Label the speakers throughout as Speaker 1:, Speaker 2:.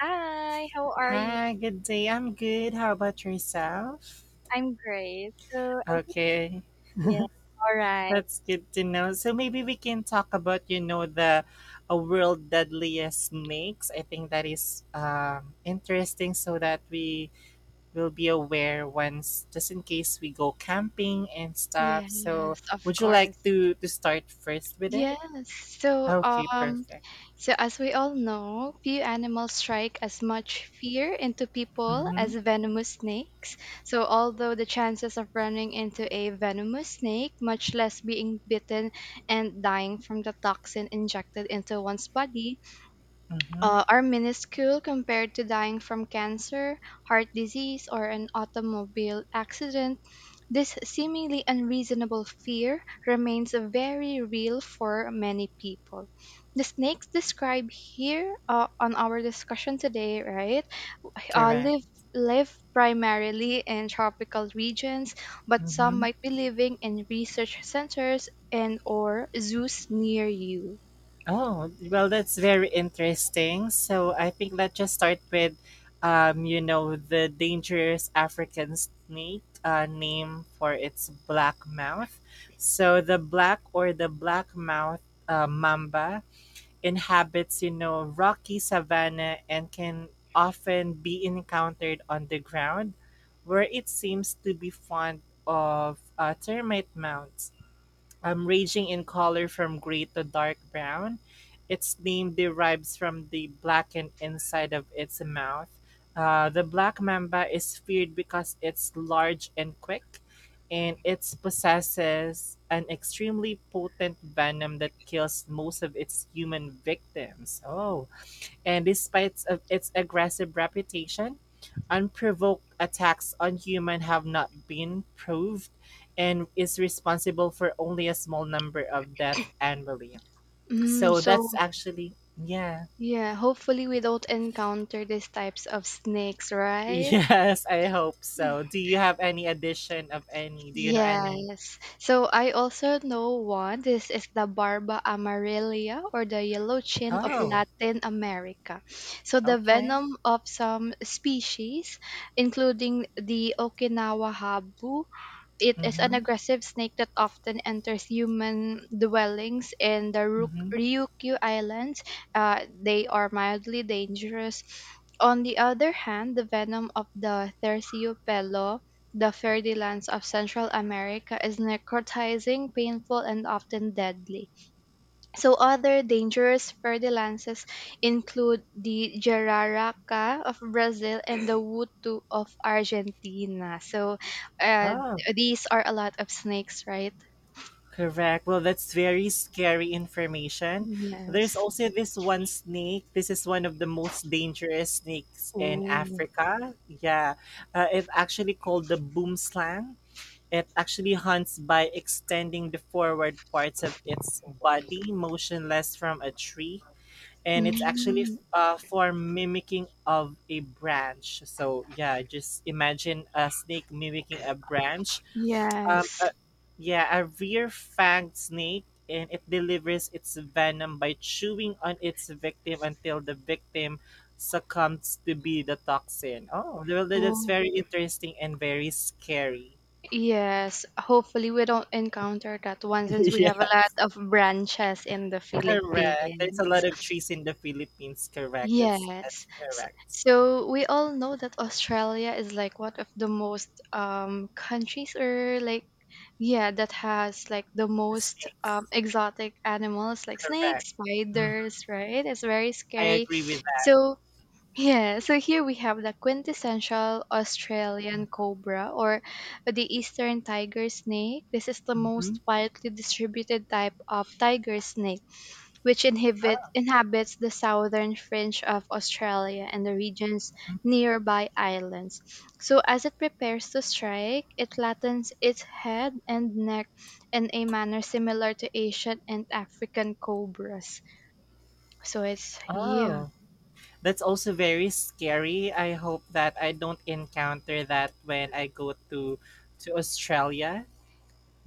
Speaker 1: Hi, how are you?
Speaker 2: Hi, good day. I'm good. How about yourself?
Speaker 1: I'm great. So I think
Speaker 2: Okay,
Speaker 1: yeah, all right.
Speaker 2: that's good to know. So maybe we can talk about, you know, the a world deadliest snakes. I think that is interesting so that we will be aware once, just in case we go camping and stuff. So
Speaker 1: Yes, of
Speaker 2: would you like
Speaker 1: course.
Speaker 2: to start first with it?
Speaker 1: Yes. So
Speaker 2: Okay,
Speaker 1: um
Speaker 2: perfect.
Speaker 1: so as we all know, few animals strike as much fear into people
Speaker 2: Mm-hmm.
Speaker 1: as venomous snakes. So although the chances of running into a venomous snake, much less being bitten and dying from the toxin injected into one's body,
Speaker 2: Mm-hmm.
Speaker 1: are minuscule compared to dying from cancer, heart disease, or an automobile accident, this seemingly unreasonable fear remains very real for many people. The snakes described here on our discussion today, right, uh,
Speaker 2: Correct.
Speaker 1: live live primarily in tropical regions, but some
Speaker 2: Mm-hmm.
Speaker 1: might be living in research centers and or zoos near you.
Speaker 2: Oh, well, that's very interesting. So I think let's just start with, you know, the dangerous African snake, name for its black mouth. So the black or the black mouth mamba inhabits, you know, rocky savanna and can often be encountered on the ground, where it seems to be fond of termite mounds, ranging in color from gray to dark brown. Its name derives from the blackened inside of its mouth. The black mamba is feared because it's large and quick, and it possesses an extremely potent venom that kills most of its human victims. Oh, and despite of its aggressive reputation, unprovoked attacks on humans have not been proved and is responsible for only a small number of deaths annually.
Speaker 1: Mm,
Speaker 2: So
Speaker 1: so
Speaker 2: that's actually yeah.
Speaker 1: Yeah, hopefully we don't encounter these types of snakes, right?
Speaker 2: Yes, I hope so. Do you have any addition of any? Do you know any?
Speaker 1: Yes. So I also know one. This is the Barba amarilla or the yellow chin of
Speaker 2: Oh,
Speaker 1: Latin America. So the
Speaker 2: okay.
Speaker 1: venom of some species, including the Okinawa habu. It is an
Speaker 2: Mm-hmm.
Speaker 1: aggressive snake that often enters human dwellings in the
Speaker 2: Mm-hmm.
Speaker 1: Ryukyu Islands. They are mildly dangerous. On the other hand, the venom of the terciopelo, the fairy lands of Central America, is necrotizing, painful, and often deadly. So other dangerous fertilizers include the jararaca of Brazil and the wutu of Argentina. Uh,
Speaker 2: Oh.
Speaker 1: these are a lot of snakes, right?
Speaker 2: Correct. Well, that's very scary information. There's
Speaker 1: Yes.
Speaker 2: also this one snake. This is one of the most dangerous snakes in
Speaker 1: Oh.
Speaker 2: Africa. Yeah. It's actually called the boomslang. It actually hunts by extending the forward parts of its body motionless from a tree. And it's actually
Speaker 1: Mm,
Speaker 2: for mimicking of a branch. So, yeah, just imagine a snake mimicking a branch, um, uh,
Speaker 1: yes.
Speaker 2: yeah, a rear-fanged snake, and it delivers its venom by chewing on its victim until the victim succumbs to be the toxin. Oh, well, that's
Speaker 1: Oh,
Speaker 2: very interesting and very scary.
Speaker 1: yes. Hopefully, we don't encounter that one since we have a
Speaker 2: Yeah,
Speaker 1: lot of branches in the
Speaker 2: correct. There's
Speaker 1: Philippines.
Speaker 2: a lot of trees in the Philippines. Correct. That's
Speaker 1: Yes.
Speaker 2: that's correct.
Speaker 1: So we all know that Australia is like one of the most countries or like yeah that has like the
Speaker 2: The
Speaker 1: most
Speaker 2: snakes.
Speaker 1: exotic animals like
Speaker 2: Correct.
Speaker 1: snakes,
Speaker 2: Mhm.
Speaker 1: spiders, right? It's very
Speaker 2: I
Speaker 1: scary.
Speaker 2: agree with that.
Speaker 1: So yeah, so here we have the quintessential Australian cobra or the eastern tiger snake. This is the
Speaker 2: Hmm.
Speaker 1: most widely distributed type of tiger snake which inhabits the southern fringe of Australia and the region's nearby islands. So, as it prepares to strike, it flattens its head and neck in a manner similar to Asian and African cobras. So, it's yeah,
Speaker 2: Oh. That's also very scary. I hope that I don't encounter that when I go to Australia.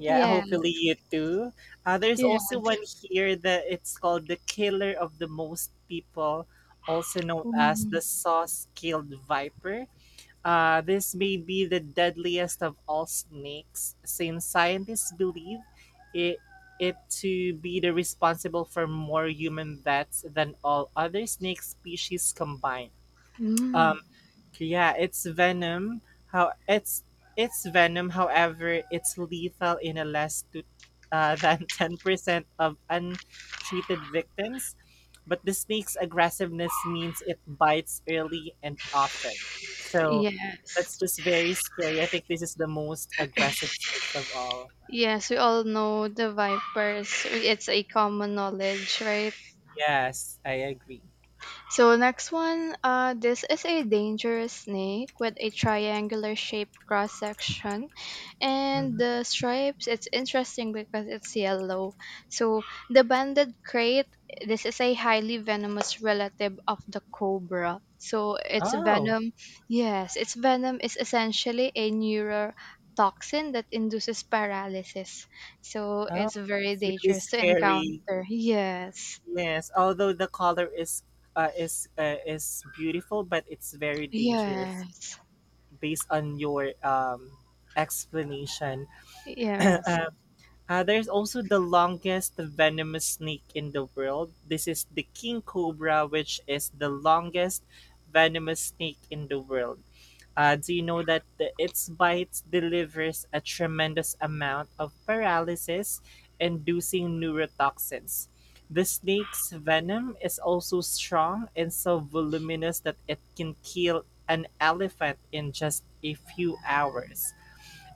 Speaker 2: Yeah,
Speaker 1: yeah,
Speaker 2: hopefully you too. There's
Speaker 1: yeah.
Speaker 2: also one here that it's called the killer of the most people, also known as
Speaker 1: Mm,
Speaker 2: the saw-scaled viper. This may be the deadliest of all snakes, since scientists believe it it to be the responsible for more human deaths than all other snake species combined.
Speaker 1: mm,
Speaker 2: Um, yeah, it's venom. How it's venom. However, it's lethal in a less to, than 10% of untreated victims. But the snake's aggressiveness means it bites early and often. So
Speaker 1: yes.
Speaker 2: that's just very scary. I think this is the most aggressive snakes of all.
Speaker 1: Yes, we all know the vipers. It's a common knowledge, right?
Speaker 2: Yes, I agree.
Speaker 1: So next one, this is a dangerous snake with a triangular shaped cross section, and
Speaker 2: Mhm.
Speaker 1: the stripes. It's interesting because it's yellow. So the banded crate. This is a highly venomous relative of the cobra. So its
Speaker 2: Oh,
Speaker 1: venom, yes, its venom is essentially a neurotoxin that induces paralysis. So
Speaker 2: oh,
Speaker 1: it's very
Speaker 2: it's really
Speaker 1: dangerous to
Speaker 2: scary.
Speaker 1: encounter. Yes,
Speaker 2: Yes, although the color is is beautiful, but it's very dangerous
Speaker 1: yes.
Speaker 2: based on your explanation.
Speaker 1: Yes.
Speaker 2: uh, there's also the longest venomous snake in the world. This is the king cobra, which is the longest venomous snake in the world. Do you know that the, its bite delivers a tremendous amount of paralysis inducing neurotoxins? The snake's venom is also strong and so voluminous that it can kill an elephant in just a few hours.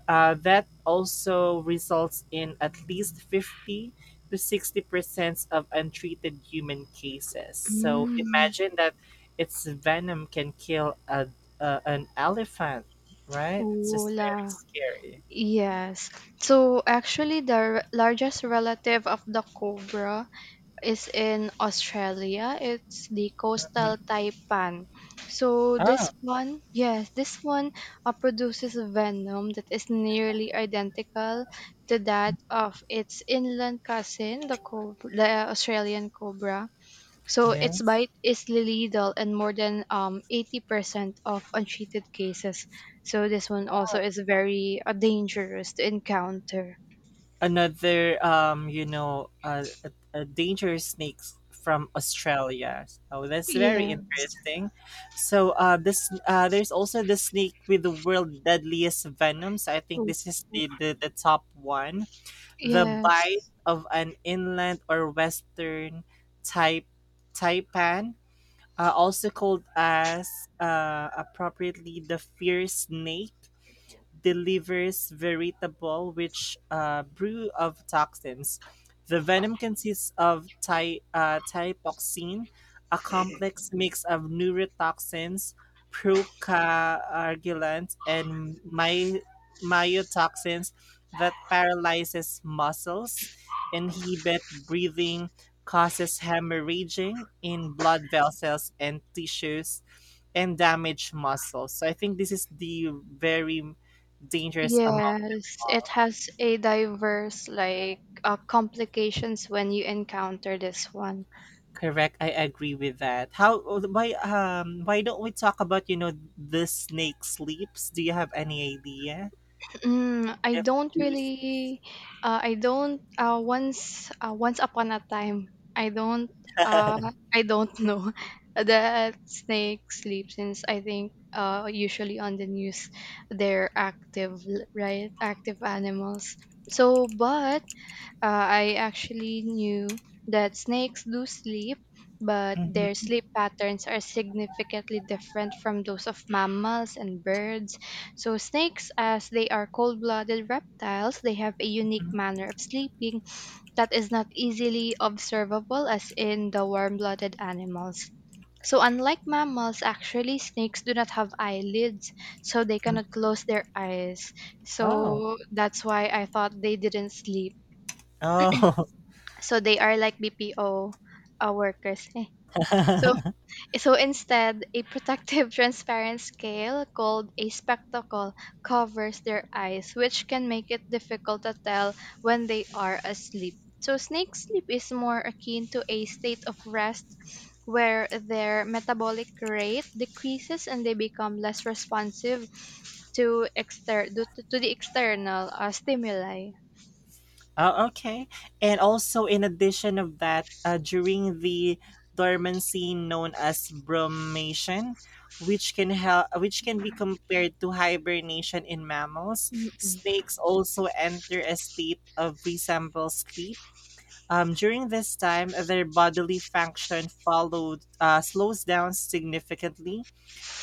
Speaker 2: That also results in at least 50 to 60 percent of untreated human cases. So
Speaker 1: Mm,
Speaker 2: imagine that its venom can kill an elephant, right? It's just very
Speaker 1: Vola.
Speaker 2: scary.
Speaker 1: Yes. So actually, the largest relative of the cobra is in Australia. It's the
Speaker 2: Mhm.
Speaker 1: coastal taipan. So this
Speaker 2: Oh,
Speaker 1: one, yes, this one produces venom that is nearly identical to that of its inland cousin, the cobra, the Australian cobra. So its
Speaker 2: yes.
Speaker 1: bite is lethal in more than 80% of untreated cases. So this one also is very dangerous to encounter.
Speaker 2: Another you know a dangerous snakes from Australia, so that's very
Speaker 1: Yeah.
Speaker 2: interesting. So this there's also the snake with the world deadliest venom, so I think
Speaker 1: So-
Speaker 2: this is the top one. The bite
Speaker 1: Yes.
Speaker 2: of an inland or western type taipan, also called as appropriately the fierce snake, delivers veritable which brew of toxins. The venom consists of typoxin, a complex mix of neurotoxins, procoagulants, and myotoxins that paralyzes muscles, inhibit breathing, causes hemorrhaging in blood vessels and tissues, and damage muscles. So I think this is the very dangerous among
Speaker 1: Yes. It
Speaker 2: all.
Speaker 1: has a diverse like complications when you encounter this one.
Speaker 2: Correct. I agree with that. How why don't we talk about you know the snake sleeps? Do you have any idea
Speaker 1: Mm, I
Speaker 2: if
Speaker 1: don't
Speaker 2: two snakes?
Speaker 1: really. I don't. Once. Once upon a time, I don't. Uh, I don't know that snake sleeps since I think. Usually on the news, they're active, right? Active animals. So, but I actually knew that snakes do sleep, but their
Speaker 2: Mm-hmm.
Speaker 1: sleep patterns are significantly different from those of mammals and birds. So, snakes, as they are cold blooded reptiles, they have a unique
Speaker 2: Mm-hmm,
Speaker 1: manner of sleeping that is not easily observable as in the warm blooded animals. So, unlike mammals, actually, snakes do not have eyelids, so they cannot
Speaker 2: mm-hmm.
Speaker 1: close their eyes.
Speaker 2: Oh.
Speaker 1: So, that's why I thought they didn't sleep
Speaker 2: Oh.
Speaker 1: so they are like BPO workers. Eh. So so instead, a protective transparent scale called a spectacle covers their eyes, which can make it difficult to tell when they are asleep. So snake sleep is more akin to a state of rest where their metabolic rate decreases and they become less responsive to to the external stimuli.
Speaker 2: Oh, okay. And also, in addition of that, during the dormancy known as bromation, which can be compared to hibernation in mammals,
Speaker 1: Mm-mm.
Speaker 2: snakes also enter a state of resemble sleep. During this time, their bodily function followed slows down significantly,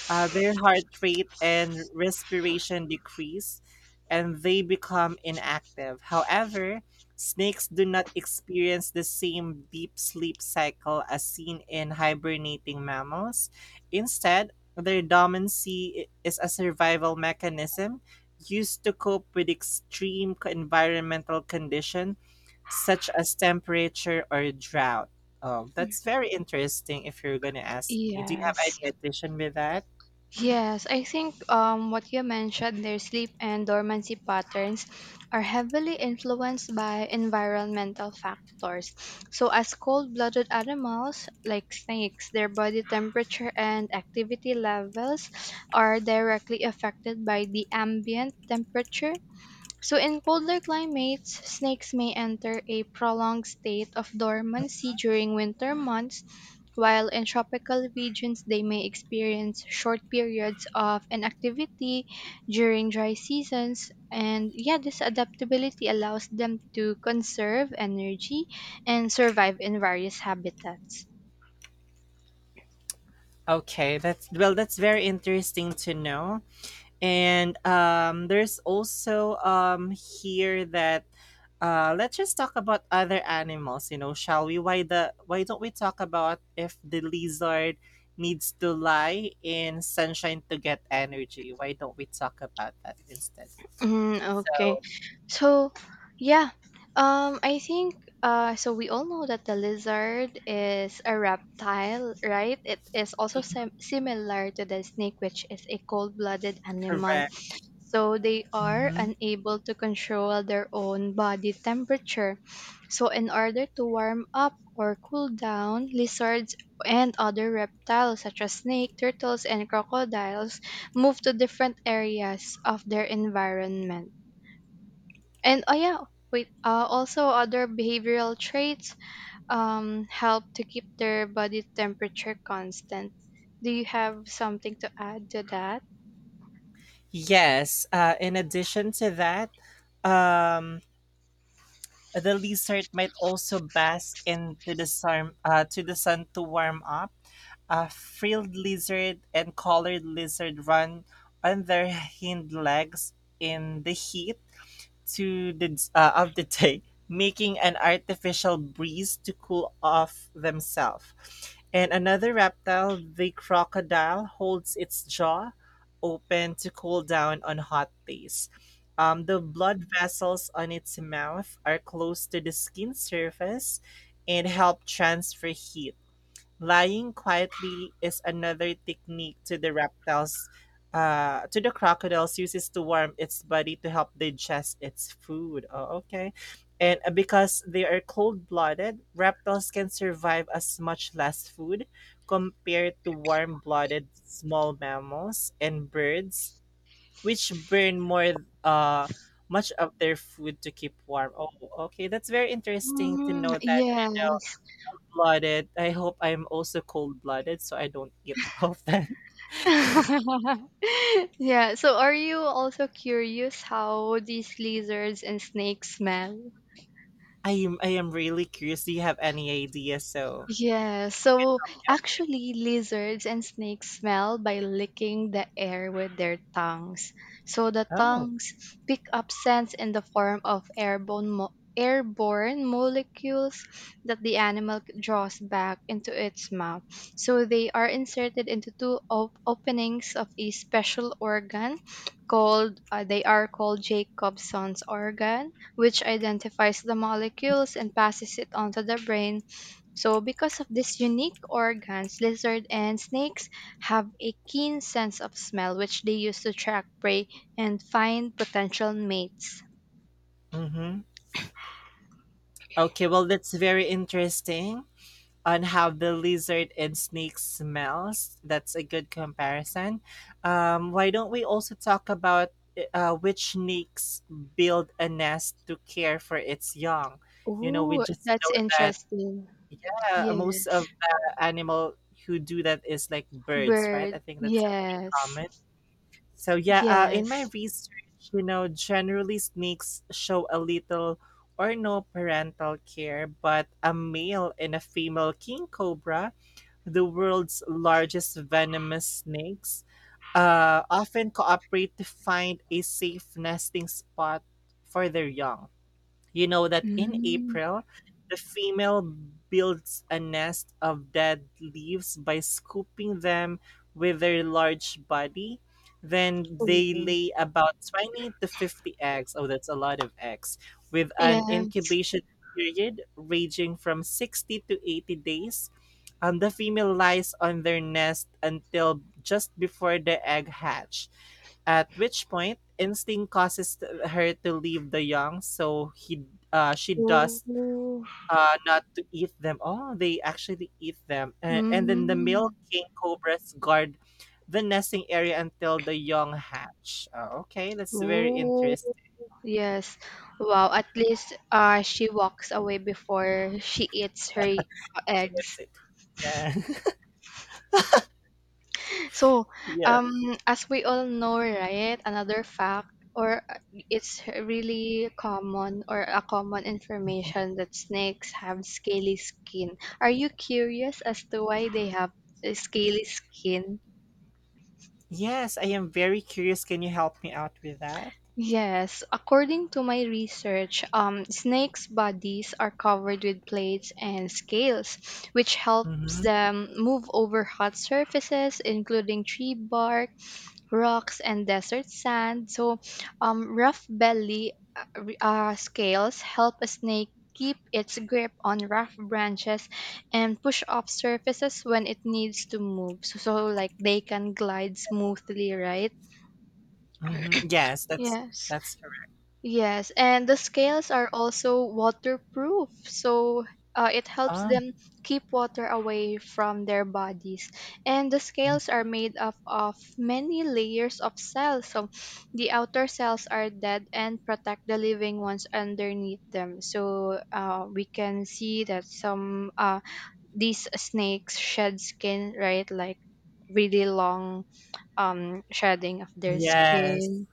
Speaker 2: their heart rate and respiration decrease and they become inactive. However, snakes do not experience the same deep sleep cycle as seen in hibernating mammals. Instead, their dormancy is a survival mechanism used to cope with extreme environmental condition such as temperature or drought. Oh, that's very interesting if you're going to ask me. Do you have
Speaker 1: Yes.
Speaker 2: any addition with that?
Speaker 1: Yes, I think what you mentioned, their sleep and dormancy patterns are heavily influenced by environmental factors. So, as cold blooded animals like snakes, their body temperature and activity levels are directly affected by the ambient temperature so, in colder climates, snakes may enter a prolonged state of dormancy during winter months, while in tropical regions, they may experience short periods of inactivity during dry seasons. And yeah, this adaptability allows them to conserve energy and survive in various habitats.
Speaker 2: Okay, that's well, that's very interesting to know. And there's also here that let's just talk about other animals. You know, shall we? Why don't we talk about if the lizard needs to lie in sunshine to get energy? Why don't we talk about that instead?
Speaker 1: Mm, okay.
Speaker 2: So
Speaker 1: So, yeah. I think so we all know that the lizard is a reptile, right? It is also similar to the snake, which is a cold-blooded animal.
Speaker 2: correct.
Speaker 1: So they are
Speaker 2: Hmm.
Speaker 1: unable to control their own body temperature. So in order to warm up or cool down, lizards and other reptiles such as snake, turtles, and crocodiles move to different areas of their environment. And oh yeah, wait, also other behavioral traits help to keep their body temperature constant. Do you have something to add to that?
Speaker 2: Yes. In addition to that, um, the lizard might also bask in to the, sun, to the sun to warm up. A frilled lizard and collared lizard run on their hind legs in the heat to the of the day, making an artificial breeze to cool off themselves. And another reptile, the crocodile, holds its jaw open to cool down on hot days. The blood vessels on its mouth are close to the skin surface and help transfer heat. Lying quietly is another technique to the reptiles, to the crocodiles uses to warm its body to help digest its food. Oh, okay. And because they are cold-blooded, reptiles can survive as much less food compared to warm-blooded small mammals and birds, which burn more much of their food to keep warm. Oh, okay. That's very interesting to
Speaker 1: Mm,
Speaker 2: know that, you
Speaker 1: yes.
Speaker 2: know, blooded. I hope I'm also cold blooded, so I don't eat often.
Speaker 1: yeah. So, are you also curious how these lizards and snakes smell?
Speaker 2: I am I am really curious. Do you have any ideas? So
Speaker 1: Yeah, so actually, lizards and snakes smell by licking the air with their tongues. So the
Speaker 2: oh,
Speaker 1: tongues pick up scents in the form of airborne molecules that the animal draws back into its mouth. So they are inserted into two openings of a special organ called they are called Jacobson's organ, which identifies the molecules and passes it onto the brain so, because of this unique organs, lizard and snakes have a keen sense of smell, which they use to track prey and find potential mates.
Speaker 2: mm-hmm. Okay, well that's very interesting on how the lizard and snake smells. That's a good comparison. Why don't we also talk about which snakes build a nest to care for its young? You know, we
Speaker 1: Ooh,
Speaker 2: just
Speaker 1: that's
Speaker 2: know that
Speaker 1: interesting.
Speaker 2: yeah, most
Speaker 1: Yes.
Speaker 2: of the animal who do that is like birds, right?
Speaker 1: Bird.
Speaker 2: I think that's a
Speaker 1: Yes.
Speaker 2: common. So yeah, in my
Speaker 1: Yes.
Speaker 2: research, you know, generally snakes show a little or no parental care, but a male and a female king cobra, the world's largest venomous snakes, often cooperate to find a safe nesting spot for their young. You know that in
Speaker 1: Mm.
Speaker 2: April, the female builds a nest of dead leaves by scooping them with their large body. Then they
Speaker 1: Ooh.
Speaker 2: lay about 20 to 50 eggs. Oh, that's a lot of eggs. With an
Speaker 1: Yes.
Speaker 2: incubation period ranging from 60 to 80 days, the female lies on their nest until just before the egg hatch, at which point instinct causes her to leave the young, so he she does
Speaker 1: Ooh.
Speaker 2: not to eat them. Oh, they actually eat them. And then the male
Speaker 1: Mm.
Speaker 2: king cobras guard the nesting area until the young hatch. Oh, okay, that's very
Speaker 1: Ooh.
Speaker 2: interesting.
Speaker 1: Yes. Wow. At least she walks away before she eats her
Speaker 2: She
Speaker 1: eggs.
Speaker 2: gets it. Yeah.
Speaker 1: So,
Speaker 2: Yes.
Speaker 1: um, as we all know, right, another fact, or it's really common or a common information that snakes have scaly skin. Are you curious as to why they have a scaly skin?
Speaker 2: Yes, I am very curious. Can you help me out with that?
Speaker 1: Yes, according to my research, snakes' bodies are covered with plates and scales, which helps
Speaker 2: Mhm.
Speaker 1: them move over hot surfaces, including tree bark, rocks and desert sand. So, scales help a snake keep its grip on rough branches and push off surfaces when it needs to move. So, so like they can glide smoothly, right?
Speaker 2: Hmm. Yes, that's
Speaker 1: Yes.
Speaker 2: that's correct.
Speaker 1: Yes, and the scales are also waterproof, so it helps
Speaker 2: Oh,
Speaker 1: them keep water away from their bodies. And the scales
Speaker 2: mhm.
Speaker 1: are made up of many layers of cells, so the outer cells are dead and protect the living ones underneath them. So we can see that some these snakes shed skin, right? Like really long shedding of their
Speaker 2: Yes,
Speaker 1: skin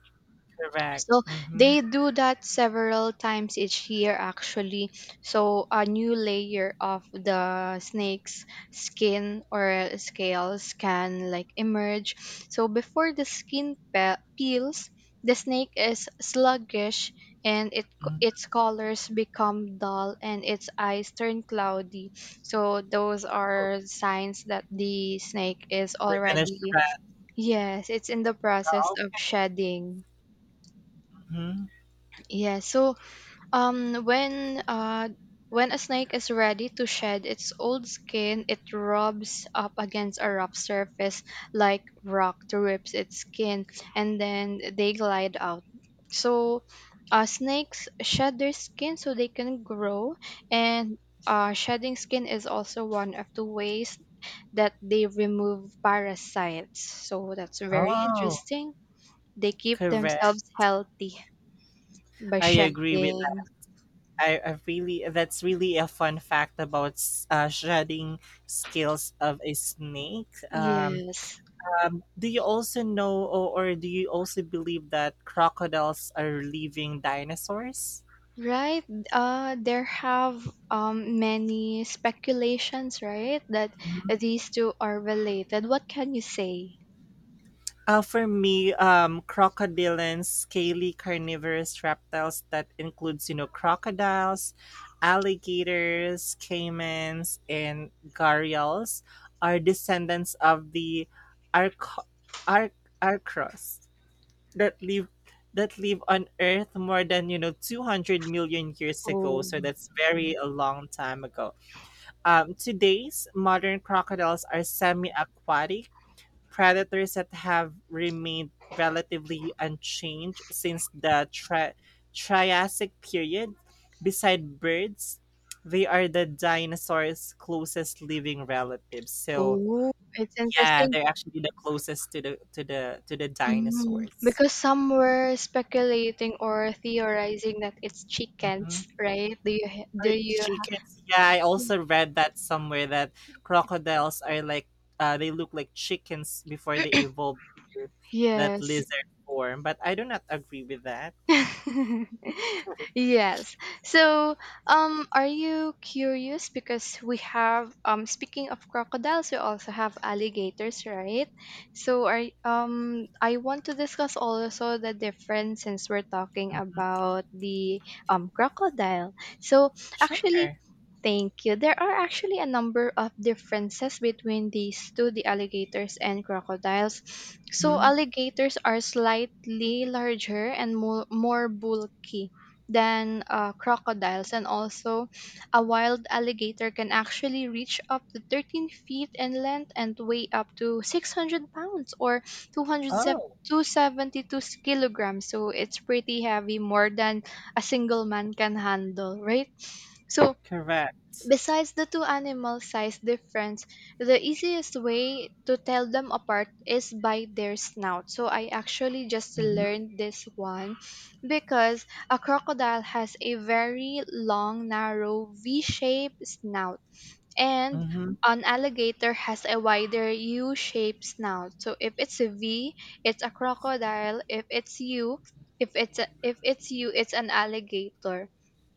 Speaker 2: correct.
Speaker 1: so
Speaker 2: Mm-hmm.
Speaker 1: they do that several times each year, actually. So a new layer of the snake's skin or scales can like emerge. So before the skin peels, the snake is sluggish and it its colors become dull and its eyes turn cloudy. So those
Speaker 2: Oh,
Speaker 1: are signs that the snake is
Speaker 2: they're gonna
Speaker 1: already
Speaker 2: shred.
Speaker 1: yes, it's in the process
Speaker 2: Oh,
Speaker 1: of
Speaker 2: okay.
Speaker 1: shedding.
Speaker 2: Hmm.
Speaker 1: Yeah, so um, when uh, when a snake is ready to shed its old skin, it rubs up against a rough surface like rock to rip its skin, and then they glide out. So, snakes shed their skin so they can grow, and shedding skin is also one of the ways that they remove parasites. So that's very
Speaker 2: Oh,
Speaker 1: interesting. They keep
Speaker 2: correct.
Speaker 1: themselves healthy by
Speaker 2: I agree with
Speaker 1: shedding.
Speaker 2: that. I really that's really a fun fact about shredding scales of a snake.
Speaker 1: Yes.
Speaker 2: Do you also know, or do you also believe that crocodiles are living dinosaurs?
Speaker 1: Right. There have many speculations, right, that these two are related. What can you say?
Speaker 2: For me, crocodilians, scaly carnivorous reptiles that includes, you know, crocodiles, alligators, caimans, and gharials are descendants of the arco- ar- arcros that live that live on Earth more than you know 200 million years ago.
Speaker 1: Oh,
Speaker 2: So that's very a long time ago. Today's modern crocodiles are semi-aquatic predators that have remained relatively unchanged since the Triassic period. Beside birds, they are the dinosaurs' closest living relatives. So
Speaker 1: oh, it's
Speaker 2: yeah,
Speaker 1: interesting.
Speaker 2: they're actually the closest to the to the to the
Speaker 1: Mhm.
Speaker 2: dinosaurs.
Speaker 1: Because some were speculating or theorizing that it's
Speaker 2: Mm-hmm.
Speaker 1: chickens, right? Do you?
Speaker 2: Chickens. Yeah, I also read that somewhere that crocodiles are like they look like chickens before they evolved to that
Speaker 1: Yes.
Speaker 2: lizard form, but I do not agree with that.
Speaker 1: Yes. So, are you curious? Because we have, speaking of crocodiles, we also have alligators, right? So, are I want to discuss also the difference since we're talking about the crocodile. So,
Speaker 2: Sure.
Speaker 1: actually, Thank you. There are actually a number of differences between these two, the alligators and crocodiles. So,
Speaker 2: Mhm.
Speaker 1: alligators are slightly larger and more bulky than crocodiles, and also a wild alligator can actually reach up to 13 feet in length and weigh up to 600 pounds or two hundred
Speaker 2: Oh,
Speaker 1: two seventy two kilograms so it's pretty heavy more than a single man can handle right so
Speaker 2: correct.
Speaker 1: Besides the two animal size difference, the easiest way to tell them apart is by their snout. So I actually just
Speaker 2: Mhm,
Speaker 1: learned this one because a crocodile has a very long, narrow V-shaped snout and
Speaker 2: mhm.
Speaker 1: an alligator has a wider U-shaped snout. So if it's a V, it's a crocodile. If it's a, if it's U, it's an alligator.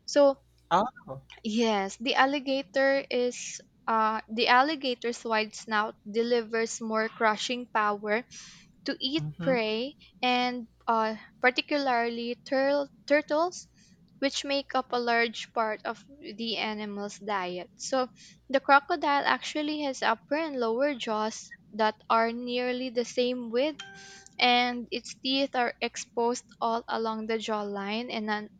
Speaker 1: So
Speaker 2: Oh.
Speaker 1: Yes, the alligator is the alligator's wide snout delivers more crushing power to eat
Speaker 2: Mhm,
Speaker 1: prey and particularly turtles which make up a large part of the animal's diet. So the crocodile actually has upper and lower jaws that are nearly the same width and its teeth are exposed all along the jawline in an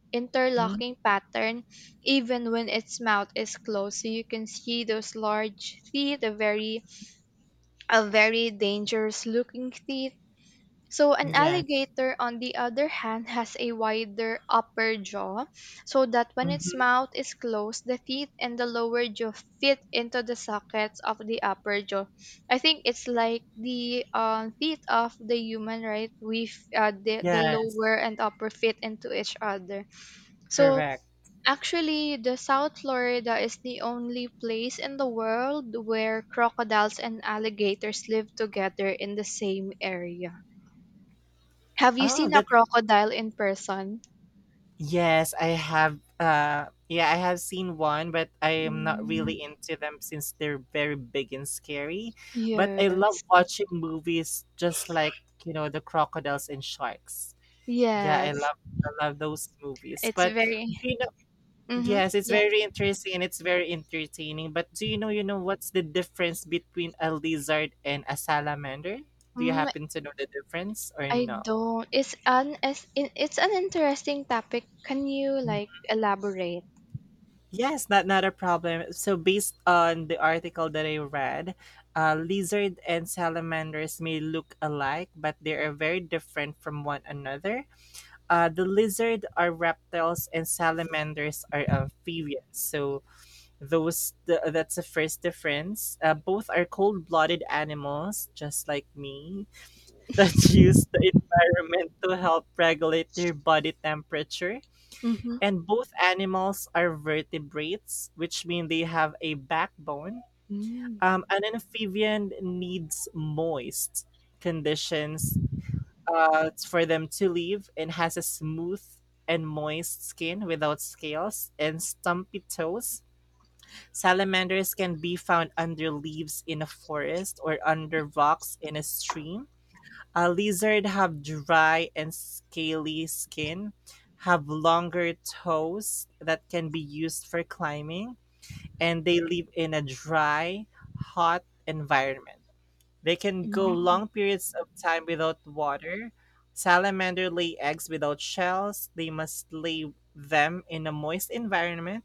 Speaker 2: mhm.
Speaker 1: interlocking pattern even when its mouth is closed so you can see those large teeth a very dangerous looking teeth so an
Speaker 2: Yes.
Speaker 1: alligator, on the other hand, has a wider upper jaw so that when its
Speaker 2: Mhm.
Speaker 1: mouth is closed, the teeth and the lower jaw fit into the sockets of the upper jaw. I think it's like the teeth of the human, right? The
Speaker 2: Yes.
Speaker 1: lower and upper fit into each other. So
Speaker 2: Correct.
Speaker 1: actually, the South Florida is the only place in the world where crocodiles and alligators live together in the same area. Have you
Speaker 2: Oh,
Speaker 1: seen a
Speaker 2: that
Speaker 1: crocodile in person?
Speaker 2: yes, I have, yeah, I have seen one, but I am not
Speaker 1: Mm,
Speaker 2: really into them since they're very big and scary. But I love
Speaker 1: yes.
Speaker 2: watching movies just like, you know, the crocodiles and sharks. Yeah,
Speaker 1: Yes.
Speaker 2: I love those movies.
Speaker 1: It's
Speaker 2: But
Speaker 1: very
Speaker 2: do you know
Speaker 1: Mm-hmm.
Speaker 2: Yes, it's
Speaker 1: Yeah.
Speaker 2: very interesting and it's very entertaining. But do you know, what's the difference between a lizard and a salamander? Do you
Speaker 1: Mm,
Speaker 2: happen to know the difference or
Speaker 1: I
Speaker 2: no?
Speaker 1: don't. It's an interesting topic. Can you like elaborate?
Speaker 2: Yes, not a problem. So based on the article that I read, lizard and salamanders may look alike, but they are very different from one another. The lizard are reptiles and salamanders are amphibians. So that's the first difference. Both are cold-blooded animals, just like me, that use the environment to help regulate their body temperature.
Speaker 1: Mm-hmm.
Speaker 2: And both animals are vertebrates, which mean they have a backbone.
Speaker 1: Mm,
Speaker 2: An amphibian needs moist conditions for them to live and has a smooth and moist skin without scales and stumpy toes. Salamanders can be found under leaves in a forest or under rocks in a stream. Lizards have dry and scaly skin, have longer toes that can be used for climbing, and they live in a dry, hot environment. They can go
Speaker 1: mm,
Speaker 2: long periods of time without water. Salamander lay eggs without shells. They must lay them in a moist environment.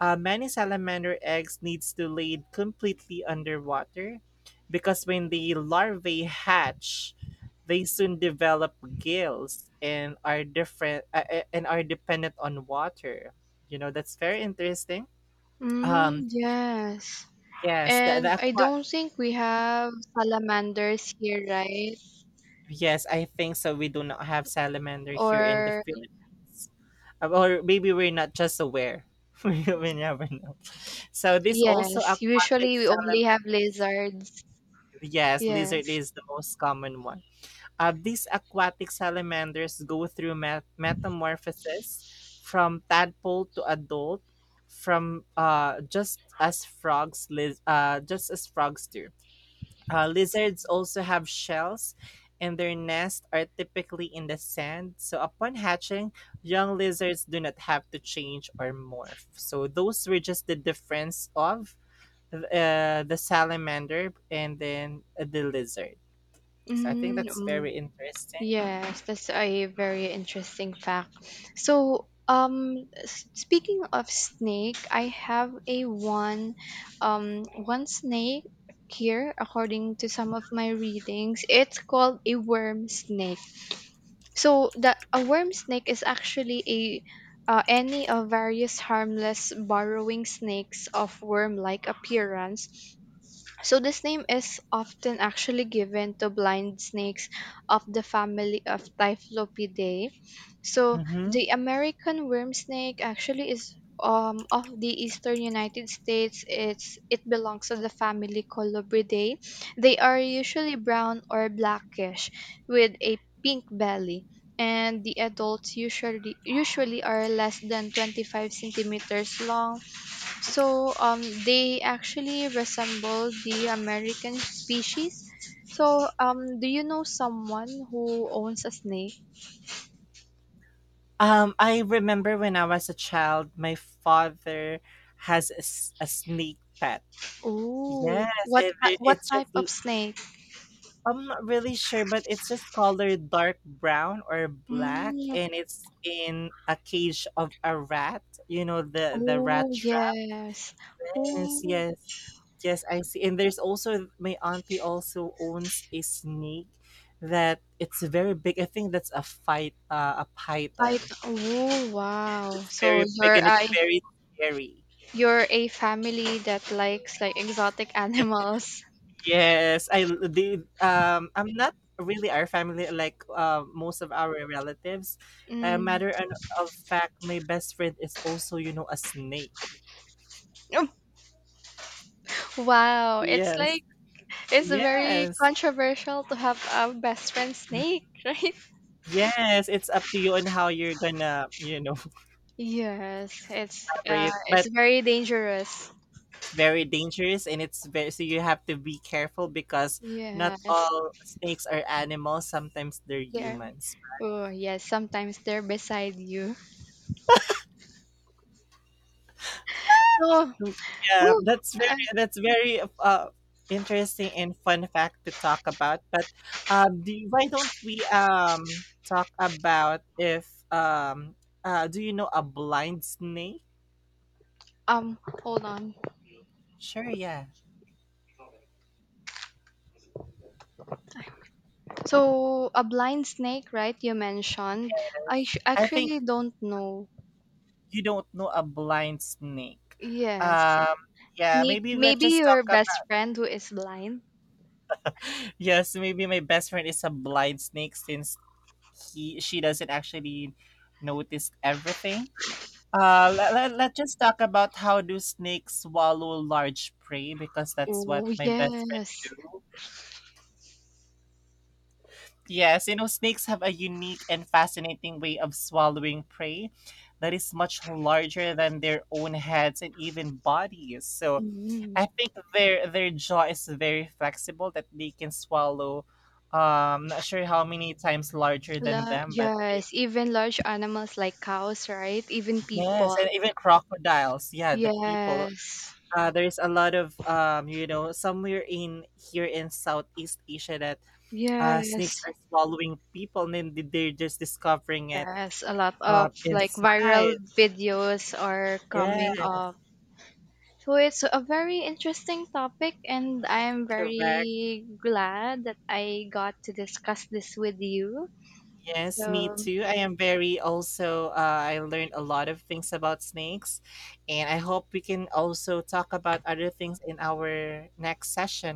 Speaker 2: Many salamander eggs needs to laid completely underwater because when the larvae hatch, they soon develop gills and are different and are dependent on water. You know, that's very interesting.
Speaker 1: mm,
Speaker 2: Um,
Speaker 1: yes.
Speaker 2: yes, the
Speaker 1: And I
Speaker 2: aqua.
Speaker 1: don't think we have salamanders here, right?
Speaker 2: Yes, I think so. We do not have salamander here in the
Speaker 1: Or
Speaker 2: Philippines. Or maybe we're not just aware. We never know. So this also
Speaker 1: yes,
Speaker 2: aquatic
Speaker 1: usually we only have
Speaker 2: salamander.
Speaker 1: lizards.
Speaker 2: Yes, lizard
Speaker 1: Yes.
Speaker 2: is the most common one. These aquatic salamanders go through metamorphosis from tadpole to adult, from just as frogs, liz- just as frogs do. Lizards also have shells, and their nests are typically in the sand. So upon hatching, young lizards do not have to change or morph. So those were just the difference of the salamander and then the lizard. So I think
Speaker 1: Mm,
Speaker 2: that's
Speaker 1: mm.
Speaker 2: very interesting.
Speaker 1: Yes, that's a very interesting fact. So, speaking of snake, I have a one, one snake here according to some of my readings. It's called a worm snake. So the a worm snake is actually a any of various harmless burrowing snakes of worm-like appearance so this name is often actually given to blind snakes of the family of Typhlopidae. So
Speaker 2: Hmm.
Speaker 1: the American worm snake actually is of the eastern United States. It belongs to the family Colubridae. They are usually brown or blackish with a pink belly. And the adults usually are less than 25 centimeters long so they actually resemble the American species. So do you know someone who owns a snake?
Speaker 2: I remember when I was a child, my father has a, a snake pet.
Speaker 1: Oh,
Speaker 2: Yes,
Speaker 1: what
Speaker 2: and it,
Speaker 1: what
Speaker 2: it's just
Speaker 1: type of snake?
Speaker 2: I'm not really sure, but it's just colored dark brown or black,
Speaker 1: Mm,
Speaker 2: and it's in a cage of a rat. You know the
Speaker 1: oh
Speaker 2: rat trap.
Speaker 1: yes.
Speaker 2: Yes,
Speaker 1: Oh,
Speaker 2: yes, yes. I see. And there's also my auntie also owns a snake that it's very big. I think that's a fight a
Speaker 1: I
Speaker 2: python.
Speaker 1: oh wow.
Speaker 2: It's very big and it's very scary.
Speaker 1: You're a family that likes like exotic animals.
Speaker 2: Yes, I l- the I'm not really our family like most of our relatives.
Speaker 1: Mm.
Speaker 2: Matter an- of fact, my best friend is also, you know, a snake.
Speaker 1: Wow, it's
Speaker 2: Yes,
Speaker 1: like It's very
Speaker 2: yes,
Speaker 1: controversial to have a best friend snake, right?
Speaker 2: yes. It's up to you on how you're gonna, you know.
Speaker 1: Yes,
Speaker 2: Brave,
Speaker 1: it's
Speaker 2: but
Speaker 1: very dangerous.
Speaker 2: it's very dangerous and it's very, so you have to be careful because not
Speaker 1: Yes,
Speaker 2: all snakes are animals. Sometimes they're
Speaker 1: they're
Speaker 2: humans.
Speaker 1: oh yes, sometimes they're beside you. So,
Speaker 2: Mm, yeah,
Speaker 1: whew,
Speaker 2: that's very
Speaker 1: um,
Speaker 2: that's very uh interesting and fun fact to talk about. But why don't we talk about if do you know a blind snake?
Speaker 1: um, hold on.
Speaker 2: Sure, yeah.
Speaker 1: So a blind snake, right? You mentioned.
Speaker 2: I think
Speaker 1: Actually don't know.
Speaker 2: you don't know a blind snake.
Speaker 1: Yes,
Speaker 2: Um, yeah, maybe let's
Speaker 1: Maybe
Speaker 2: just talk
Speaker 1: your best
Speaker 2: about.
Speaker 1: friend who is blind.
Speaker 2: Yes, maybe my best friend is a blind snake since he she doesn't actually notice everything. Let's just talk about how do snakes swallow large prey because that's what
Speaker 1: Oh
Speaker 2: my best friend
Speaker 1: yes.
Speaker 2: do. Yes, you know, snakes have a unique and fascinating way of swallowing prey that is much larger than their own heads and even bodies. So
Speaker 1: Mm-hmm.
Speaker 2: I think their jaw is very flexible that they can swallow, not sure how many times larger than them, but they,
Speaker 1: Yes, even large animals like cows, right? Even
Speaker 2: yes,
Speaker 1: people.
Speaker 2: and even crocodiles, yeah, the people.
Speaker 1: Yes.
Speaker 2: There's a lot of you know, somewhere in here in Southeast Asia that
Speaker 1: Yes.
Speaker 2: snakes are swallowing people and then they're just discovering it
Speaker 1: Yes, a lot of like viral
Speaker 2: inside.
Speaker 1: videos are
Speaker 2: Yeah,
Speaker 1: coming up. So it's a very interesting topic and I'm
Speaker 2: correct.
Speaker 1: very glad that I got to discuss this with you.
Speaker 2: Yes, me
Speaker 1: So
Speaker 2: too. I am very also, I learned a lot of things about snakes, and I hope we can also talk about other things in our next session.